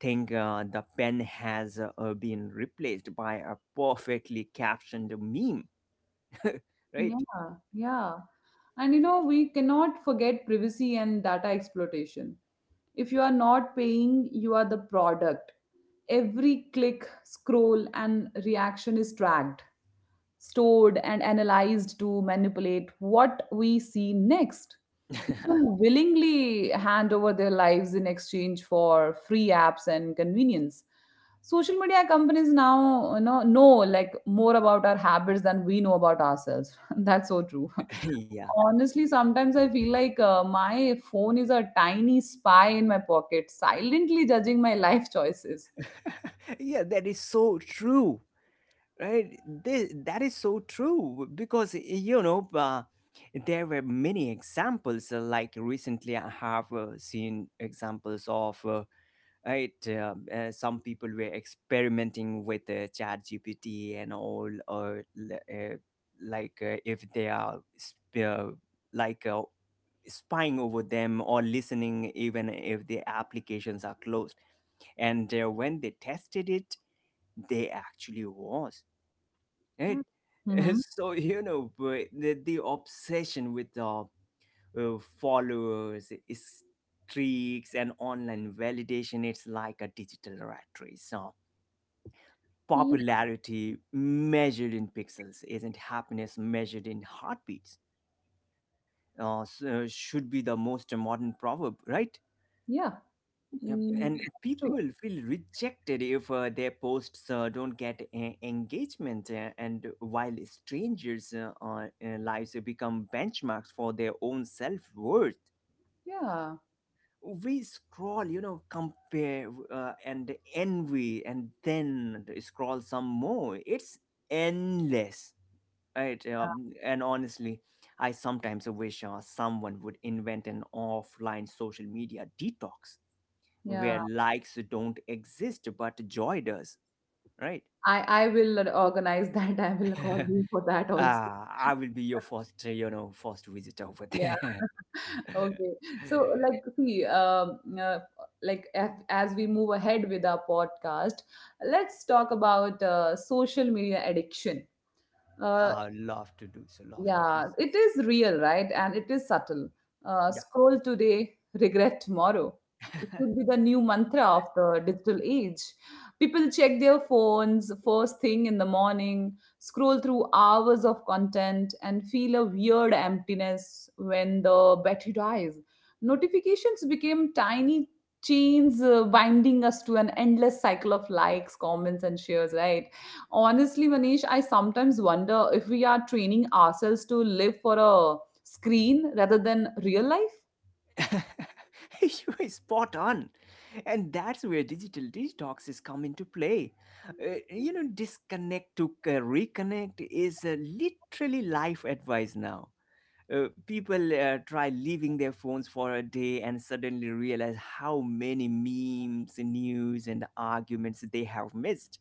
think the pen has been replaced by a perfectly captioned meme, [laughs]
Yeah,
right?
yeah. And you know, we cannot forget privacy and data exploitation. If you are not paying, you are the product. Every click, scroll, and reaction is tracked, stored, and analyzed to manipulate what we see next. People willingly hand over their lives in exchange for free apps and convenience. Social media companies now, know like more about our habits than we know about ourselves. [laughs] That's so true.
[laughs] Yeah.
Honestly, sometimes I feel like my phone is a tiny spy in my pocket, silently judging my [laughs] life choices.
[laughs] Yeah, that is so true. Right, that is so true because, you know, there were many examples, like recently I have seen examples of, right some people were experimenting with chat gpt and all, or l- like if they are like uh, spying over them or listening even if the applications are closed, and when they tested it, they actually was, right?
Yeah.
[laughs]
Mm-hmm.
So you know, but the obsession with, followers, streaks, and online validation. It's like a digital rat race. So
Yeah.
popularity measured in pixels isn't happiness measured in heartbeats. So should be the most modern proverb, right?
Yeah.
Yep,
Mm,
and
that's true.
people feel rejected if their posts don't get engagement and while strangers lives become benchmarks for their own self-worth.
Yeah.
We scroll, you know, compare, and envy, and then scroll some more. It's endless, right? And honestly, I sometimes wish someone would invent an offline social media detox
Yeah.
where likes don't exist but joy does, right?
I will organize that. [laughs] I will call
[laughs] uh,
you for that also.
I will be your first first visitor over
Yeah.
there. [laughs]
Okay. So, like, see, like as we move ahead with our podcast, let's talk about social media addiction. Uh,
Love to do so love to do
yeah,
so
it is real, right? And it is subtle. Scroll today, regret tomorrow. It
Yeah. [laughs]
should be the new mantra of the digital age. People check their phones first thing in the morning, scroll through hours of content, and feel a weird emptiness when the battery dies. Notifications became tiny chains binding us to an endless cycle of likes, comments, and shares, right? Honestly, Manish, I sometimes wonder if we are training ourselves to live for a screen rather than real life.
[laughs] You are spot on, and that's where digital detoxes come into play. Disconnect to reconnect is literally life advice now. People try leaving their phones for a day and suddenly realize how many memes, news, and arguments they have missed,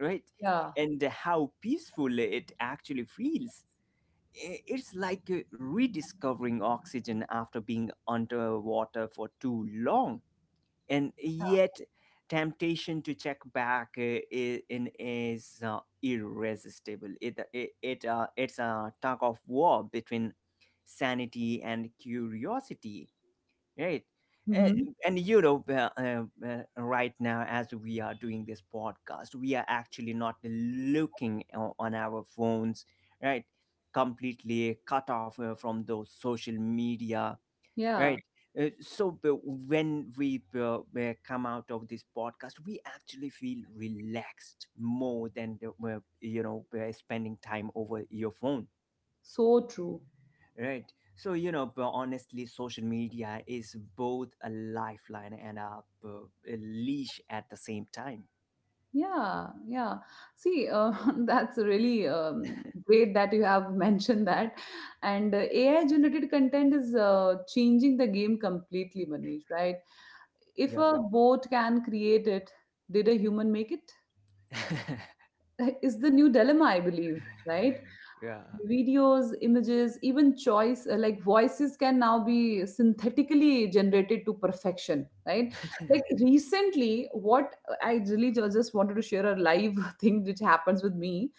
right?
Yeah.
And how peaceful it actually feels. It's like rediscovering oxygen after being underwater for too long. And yet, temptation to check back in is irresistible. It's a tug of war between sanity and curiosity, right? Uh,
Hmm.
and you know right now, as we are doing this podcast, we are actually not looking on our phones, right? Completely cut off from those social media.
Yeah,
Right. So when we come out of this podcast, we actually feel relaxed more than the, you know spending time over your phone.
so true.
Right. So, you know, but honestly, social media is both a lifeline and uh, a leash at the same time.
Yeah, yeah. See, [laughs] that's really great that you have [laughs] mentioned that. And AI generated content is changing the game completely, Manish, right? If
Yep.
a bot can create it, did a human make it?
[laughs]
[laughs] Is the new dilemma, I believe, right?
Yeah.
Videos, images, even choice like voices can now be synthetically generated to perfection, right? Like recently, what I really just wanted to share a live [laughs] thing which happens with me.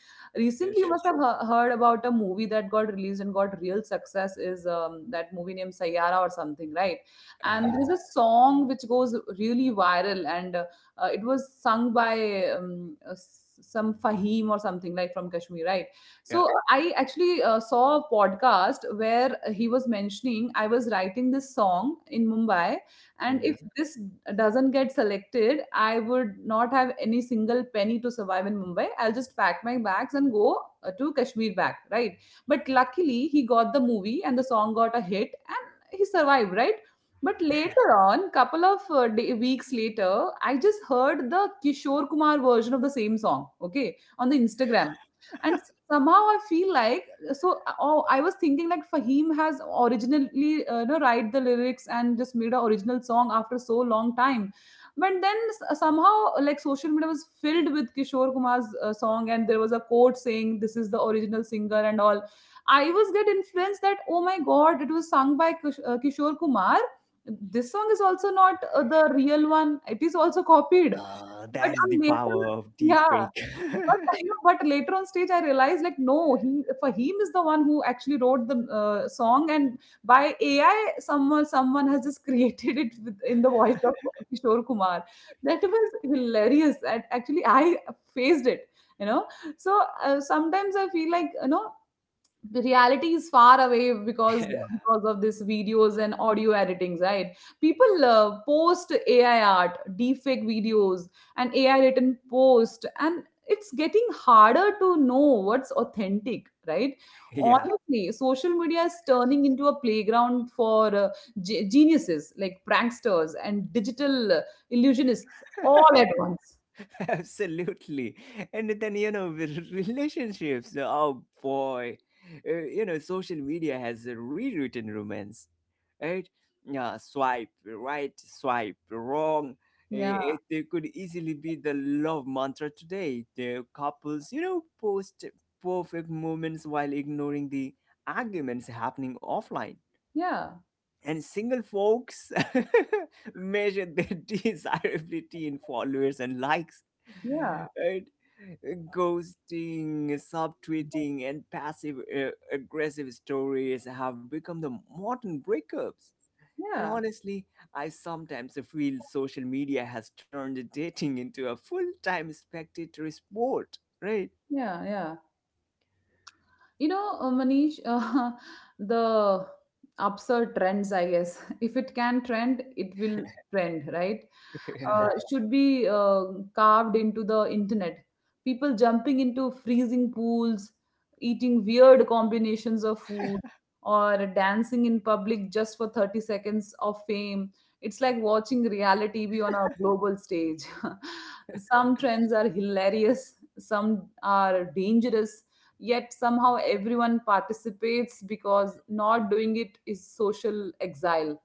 Yeah.
Recently, you
Sure.
must have heard about a movie that got released and got real success is that movie named Sayara or something, right? And
Uh,
there's a song which goes really viral and it was sung by some Fahim or something like from Kashmir, right?
yeah.
So I actually saw a podcast where he was mentioning, I was writing this song in Mumbai, and if
Mhm.
this doesn't get selected, I would not have any single penny to survive in Mumbai. I'll just pack my bags and go to Kashmir back, right? But luckily, he got the movie and the song got a hit, and he survived, right? But later on, couple of day, weeks later, I just heard the Kishore Kumar version of the same song, okay, on the Instagram and somehow I feel like I was thinking like Fahim has originally write the lyrics and just made an original song after so long time, but then somehow like social media was filled with Kishore Kumar's song, and there was a quote saying this is the original singer and all. I was get influenced that, oh my god, it was sung by Kishore Kumar. This song is also not the real one, it is also copied, but
That is the
on later,
power of deep
yeah,
fake.
but but later on stage, I realized like no, he, for him is the one who actually wrote the song, and by AI, someone has just [laughs] created it with, in the voice of Kishore Kumar. That was hilarious, and actually, I faced it. You know, so sometimes I feel like, reality is far away because
[laughs]
because of this videos and audio editings, right? People post AI art deepfake videos and AI written post, and it's getting harder to know what's authentic, right?
Yeah.
Honestly, social media is turning into a playground for geniuses like pranksters and digital illusionists all at once.
[laughs] Absolutely. And then, you know, with [laughs] relationships, oh boy. You know, social media has rewritten romance, right? Yeah, swipe right, swipe wrong. Uh,
Yeah,
It, it could easily be the love mantra today. The couples, you know, post perfect moments while ignoring the arguments happening offline,
yeah,
and single folks [laughs] measure their [laughs] desirability in followers and likes.
yeah,
Right? Ghosting, subtweeting, and passive aggressive stories have become the modern breakups. And
yeah,
honestly, I sometimes feel social media has turned dating into a full time spectator sport, right?
yeah, yeah. You know, Manish, [laughs] the absurd trends, I guess. [laughs] If it can trend, it will trend, right?
[laughs]
Should be carved into the internet. People jumping into freezing pools, eating weird combinations of food, or dancing in public just for 30 seconds of fame. It's like watching reality TV on a global stage. [laughs] some trends are hilarious, some are dangerous, yet somehow everyone participates because not doing it is social exile.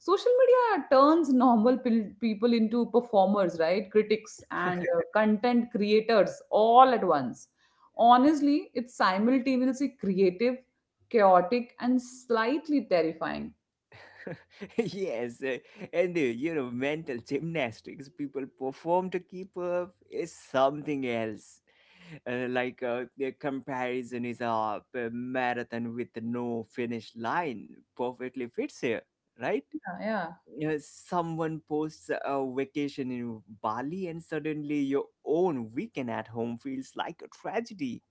Social media turns normal people into performers, right? Critics and content creators all at once. Honestly, it's simultaneously creative, chaotic and slightly terrifying.
[laughs] Yes, and, you know, mental gymnastics people perform to keep up is something else. Like the comparison is a marathon with no finish line, perfectly fits here, right?
Yeah, yeah,
Someone posts a vacation in Bali, and suddenly your own weekend at home feels like a tragedy.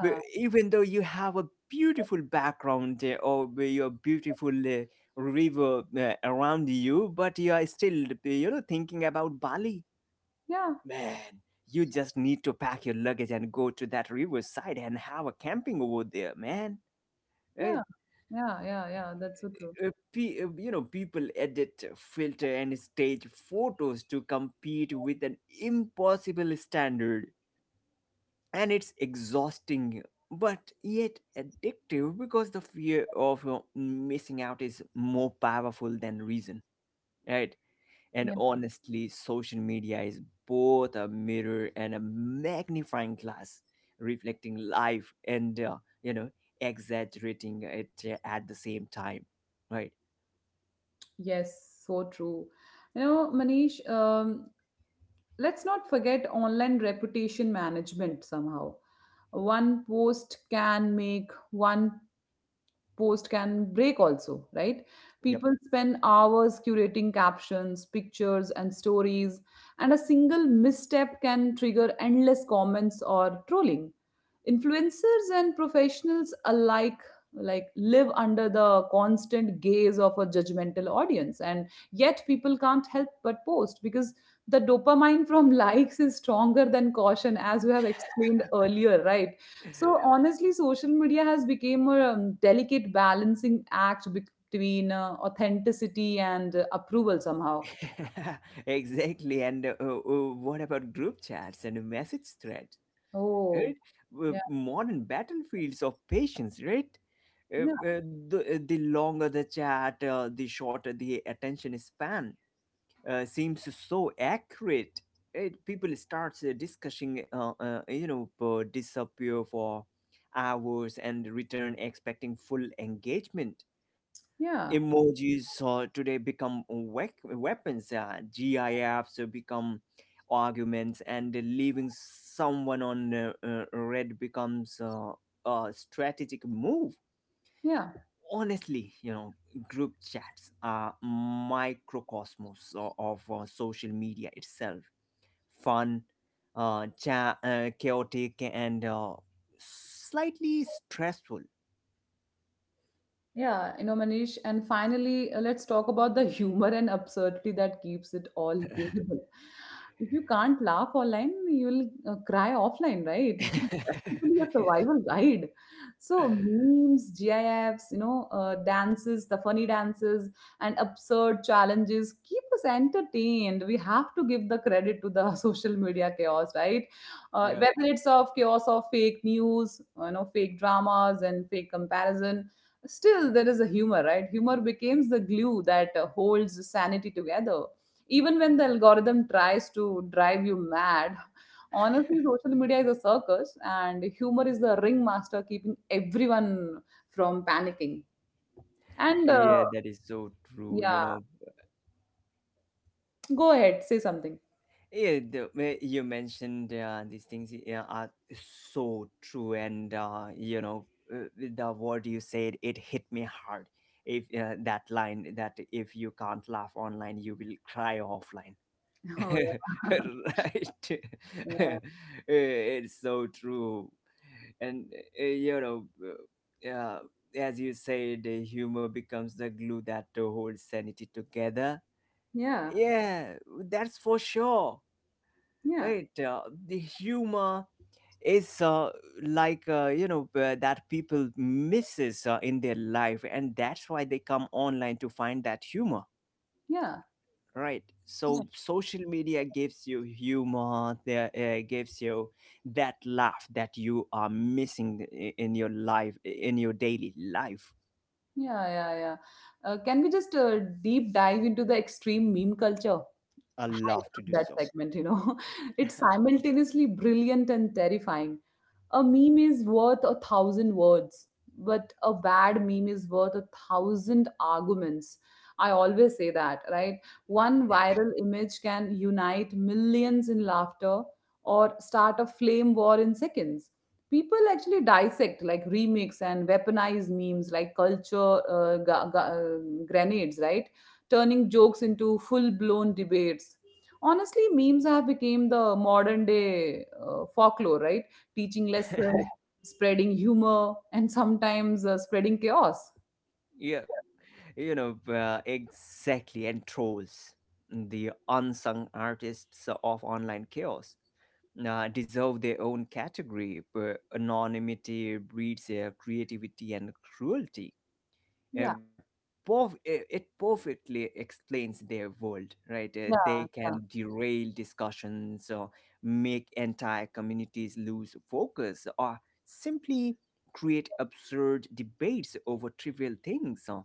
Even though you have a beautiful background or your beautiful river around you, but you are still thinking about Bali.
yeah,
Man, you just need to pack your luggage and go to that riverside and have a camping over there, man. Right?
yeah, yeah, yeah, yeah, that's so true.
People edit, filter, and stage photos to compete with an impossible standard, and it's exhausting, but yet addictive because the fear of missing out is more powerful than reason, right? And
Yeah,
honestly, social media is both a mirror and a magnifying glass, reflecting life and, exaggerating it at the same time, right?
yes, so true. You know, Manish, let's not forget online reputation management. Somehow one post can make, one post can break also, right?
Yep.
People spend hours curating captions, pictures and stories, and a single misstep can trigger endless comments or trolling. Influencers and professionals alike, like live under the constant gaze of a judgmental audience, and yet people can't help but post because the dopamine from [laughs] likes is stronger than caution, as you have explained [laughs] earlier, right? So honestly, social media has become a delicate balancing act between authenticity and approval somehow.
[laughs] Exactly. And what about group chats and message threads,
Oh,
right?
yeah,
Modern battlefields of patience, right? Uh,
yeah,
uh, the, uh, the longer the chat, the shorter the attention span seems so accurate. Right? People start discussing, disappear for hours and return expecting full engagement.
yeah,
Emojis today become weapons, gifs become arguments, and leaving someone on red becomes a strategic move.
yeah.
Honestly, you know, group chats are microcosmos of social media itself: fun, chaotic, and slightly stressful.
Yeah, you know, Manish, and finally, let's talk about the [laughs] humor and absurdity that keeps it all
[laughs]
bearable. If you can't laugh online, you'll cry offline, right? [laughs] It's practically a
[laughs]
survival guide. So memes, GIFs, you know, dances, the funny dances, and absurd challenges keep us entertained. We have to give the credit to the [laughs] social media chaos, right?
Yeah.
Whether it's of chaos of fake news, you know, fake dramas and fake comparison. Still, there is a humor, right? Humor becomes the glue that holds sanity together. Even when the algorithm tries to drive you mad, honestly, social media is a circus, and humor is the ringmaster keeping everyone from panicking. And
Yeah, that is so true. You
Yeah,
know,
go ahead, say something.
yeah, the way you mentioned these things, yeah, are so true, and, you know, the word you said, it hit me hard. If That line that if you can't laugh online, you will cry offline. [laughs]
[laughs]
Right?
Oh,
[laughs] Uh,
yeah.
it's so true, and, you know, uh, as you said, humor becomes the glue that holds sanity together.
Yeah,
Yeah, that's for sure.
yeah,
Right, the humor is, that people misses in their life, and that's why they come online to find that humor.
yeah,
Right.
yeah,
So social media gives you humor. There Gives you that laugh that you are missing in your life, in your daily life.
yeah, yeah, yeah. Can we just deep dive into the extreme meme culture?
A
I
laugh to
love
do
that
so.
segment, you know. [laughs] It's simultaneously brilliant and terrifying. A meme is worth a thousand words, but a bad meme is worth a thousand arguments, I always say that, right? One viral image can unite millions in laughter or start a flame war in seconds. People actually dissect, like remix and weaponize memes like culture grenades, right? Turning jokes into full blown debates. Honestly, memes have become the modern day folklore, right? Teaching lesson, right. Spreading humor, and sometimes spreading chaos.
Yeah. You know, exactly, and trolls, the unsung artists of online chaos, deserve their own category. But anonymity breeds creativity and cruelty.
Yeah,
uh, perf- uh, it perfectly explains their world, right?
yeah,
They
yeah,
can derail discussions or make entire communities lose focus, or simply create absurd debates over trivial things.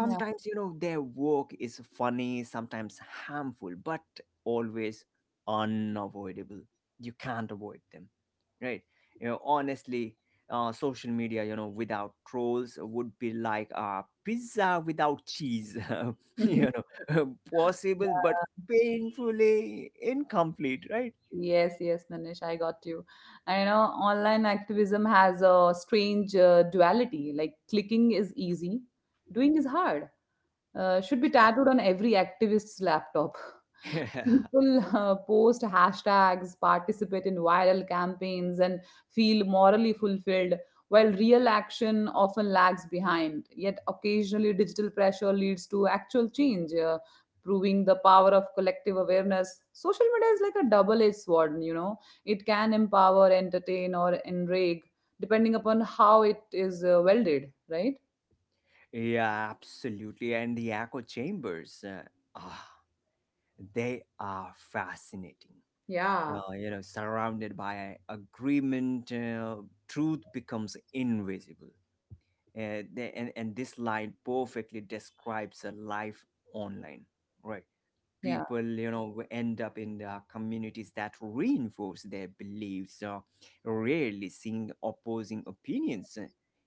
yeah.
you know, their work is funny, sometimes harmful, but always unavoidable. You can't avoid them, right? You know, honestly, social media, you know, without trolls would be like pizza without cheese, [laughs] you
[laughs]
know, [laughs] possible but
yeah.
painfully incomplete, right?
Yes, yes, Manish, I got you. I You know, online activism has a strange duality. Like clicking is easy, doing is hard. Should be tattooed on every activist's laptop.
[laughs] Yeah,
People post hashtags, participate in viral campaigns, and feel morally fulfilled, while real action often lags behind. Yet, occasionally, digital pressure leads to actual change, proving the power of collective awareness. Social media is like a double edged sword, you know, it can empower, entertain, or enrage, depending upon how it is welded, right?
yeah, absolutely. And the echo chambers, ah, they are fascinating.
Yeah.
You know, surrounded by agreement, truth becomes invisible. And this line perfectly describes a life online, right?
Yeah.
People, you know, end up in the communities that reinforce their beliefs, rarely seeing opposing opinions,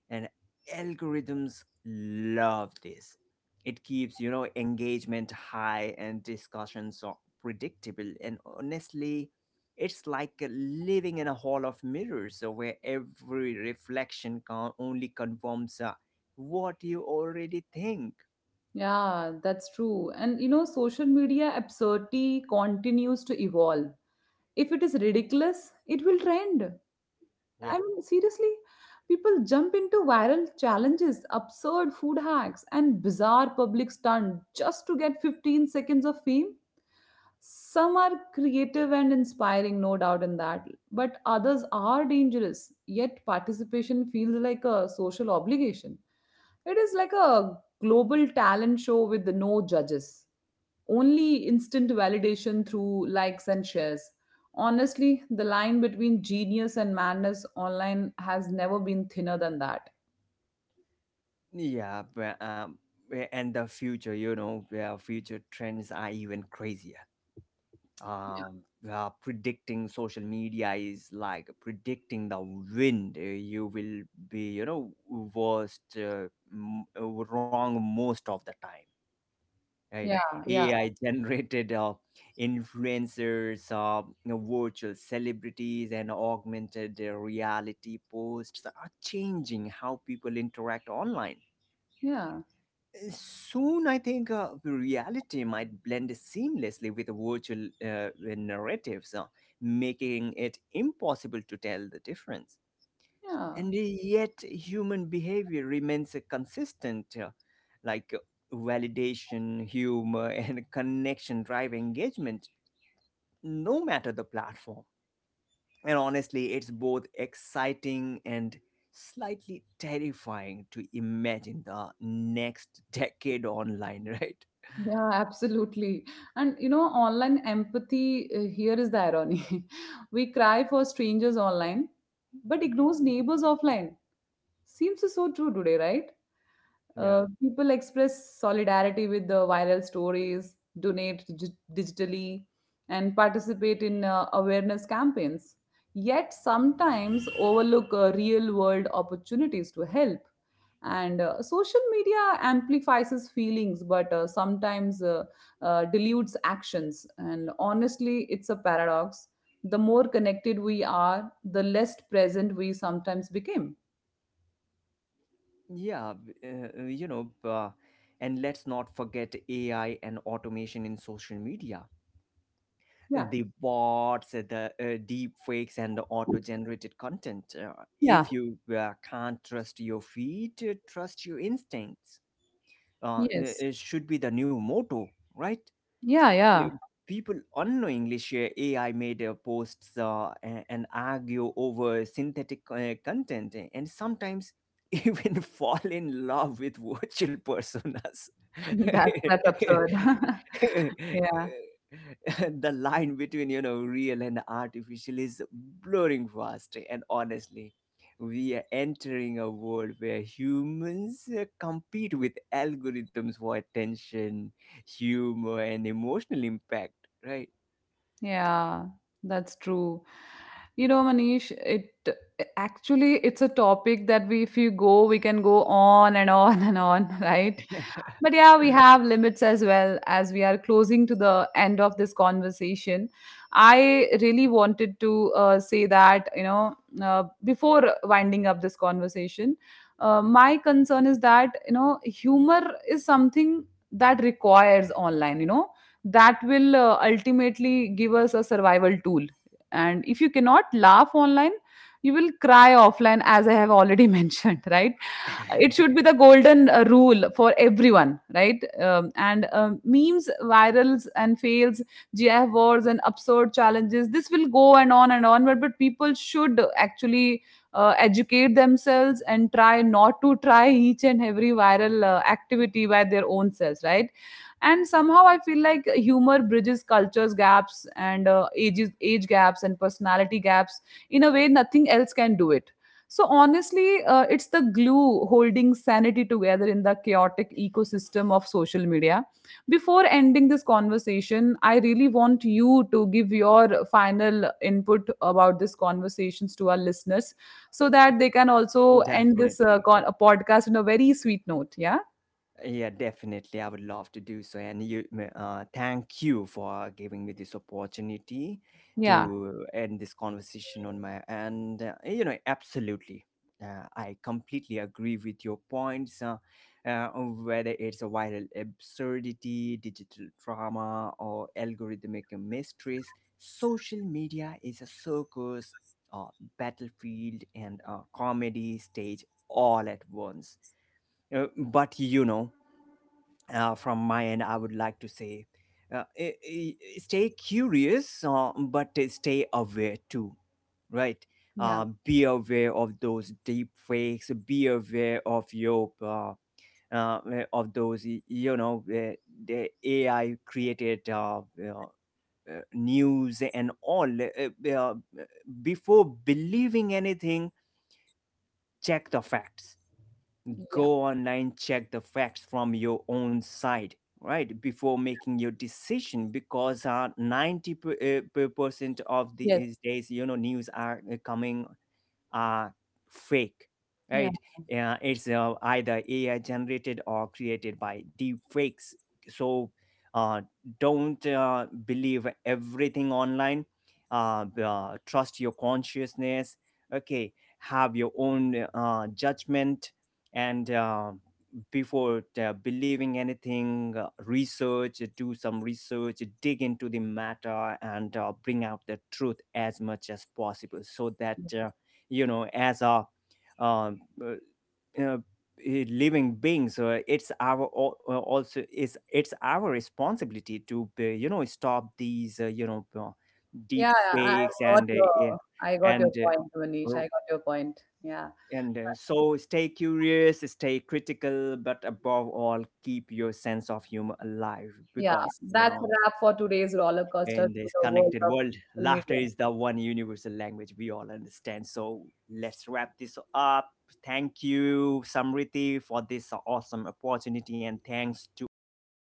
and algorithms love this. It keeps, you know, engagement high and discussions are predictable, and honestly, it's like living in a hall of mirrors where every reflection can only confirms what you already think.
Yeah, that's true. And you know, social media absurdity continues to evolve. If it is ridiculous, it will trend.
Yeah.
I mean, seriously, people jump into viral challenges, absurd food hacks, and bizarre public stunt just to get 15 seconds of fame. Some are creative and inspiring, no doubt in that, but others are dangerous, yet participation feels like a social obligation. It is like a global talent show with no judges, only instant validation through likes and shares. Honestly, the line between genius and madness online has never been thinner than that.
Yeah, but, um, yeah, and the future, you know, yeah, future trends are even crazier. Um, Predicting social media is like predicting the wind. You will be, you know, wrong most of the time, right?
Yeah, yeah, yeah,
AI [laughs] generated influencers, you know, virtual celebrities, and augmented reality posts are changing how people interact online.
yeah.
Soon, I think reality might blend seamlessly with virtual narratives, making it impossible to tell the difference.
Yeah.
And yet, human behavior remains consistent, like validation, humor, [laughs] and connection drive engagement, no matter the platform. And honestly, it's both exciting and slightly terrifying to imagine the next decade online, [laughs] right?
Yeah, absolutely. And you know, online empathy, here is the irony. [laughs] We cry for strangers online, but ignores neighbors offline. Seems so true today, right?
Yeah,
People express solidarity with the viral stories, donate digitally, and participate in awareness campaigns. Yet sometimes overlook real world opportunities to help. And social media amplifies his feelings, but sometimes dilutes actions. And honestly, it's a paradox. The more connected we are, the less present we sometimes became.
yeah, you know, and let's not forget AI and automation in social media.
Yeah.
The bots, the deep fakes, and the auto generated content.
Yeah.
If you can't trust your feet, trust your instincts. Uh, it
Yes.
it should be the new motto, right?
Yeah. Yeah.
pe- People unknowingly share AI made posts, and argue over synthetic content, and sometimes [laughs] even fall in love with virtual personas.
[laughs] That's absurd.
[laughs]
[laughs] Yeah.
[laughs] The line between, you know, real and artificial is blurring fast, and honestly, we are entering a world where humans compete with algorithms for attention, humor, and emotional impact, right?
Yeah, that's true. You know, Manish, it actually it's a topic that we if you go, we can go on and on [laughs] and on, right? But yeah, we have limits as well as we are closing to the end of this conversation. I really wanted to say that, you know, before winding up this conversation, my concern is that, you know, humor is something that requires online, you know, that will ultimately give us a survival tool, and if you cannot laugh online, you will cry offline, as I have already [laughs] mentioned, right? It should be
[laughs]
the golden rule for everyone, right? And memes, virals and fails, GIF wars and absurd challenges, this will go and on and on, but people should actually educate themselves and try not to try each and every viral activity by their own selves, right? And somehow I feel like humor bridges cultures gaps and age gaps and personality gaps in a way nothing else can do it. So honestly, it's the glue holding sanity together in the chaotic ecosystem of social media. Before ending this conversation, I really want you to give your final input about this conversations to our listeners, so that they can also end this
Definitely.
podcast in a very sweet note. Yeah,
Yeah, definitely. I would love to do so. And thank you for giving me this opportunity
yeah,
to end this conversation on my end. You know, absolutely. I completely agree with your points, on whether it's a viral absurdity, digital drama, or algorithmic mysteries. Social media is a circus, a battlefield, and a comedy stage all at once. But you know, from my end, I would like to say, stay curious, but stay aware too, right?
yeah,
Be aware of those deep fakes, be aware of your. Of those, you know, the AI created news and all. Before believing anything, check the facts. Go online, check the facts from your own side, right, before making your decision, because, 90% of
yeah.
these days, you know, news are, coming, are fake,
Yeah,
right? Uh, it's, either AI generated or created by deep fakes. So, uh, don't believe everything online. Trust your consciousness, okay? Have your own judgment, and, before believing anything, research, do some research, dig into the matter, and, bring out the truth as much as possible, so that, you know, as a um, uh, uh, living being, so, also, is it's our responsibility to be, you know, stop these, you know,
yeah,
deep fakes, and, eh,
I got your
and uh,
point, Manish. I
r-
got your point. Yeah,
so stay curious, stay critical, but above all, keep your sense of humor alive,
yeah.
because, you
That's a
know,
wrap for today's roller coaster
in
through
this
the world
connected
of
world,
social
laughter
media.
is the one universal language we all understand. So let's wrap this up. Thank you, Samriti, for this awesome opportunity, and thanks to all the listeners.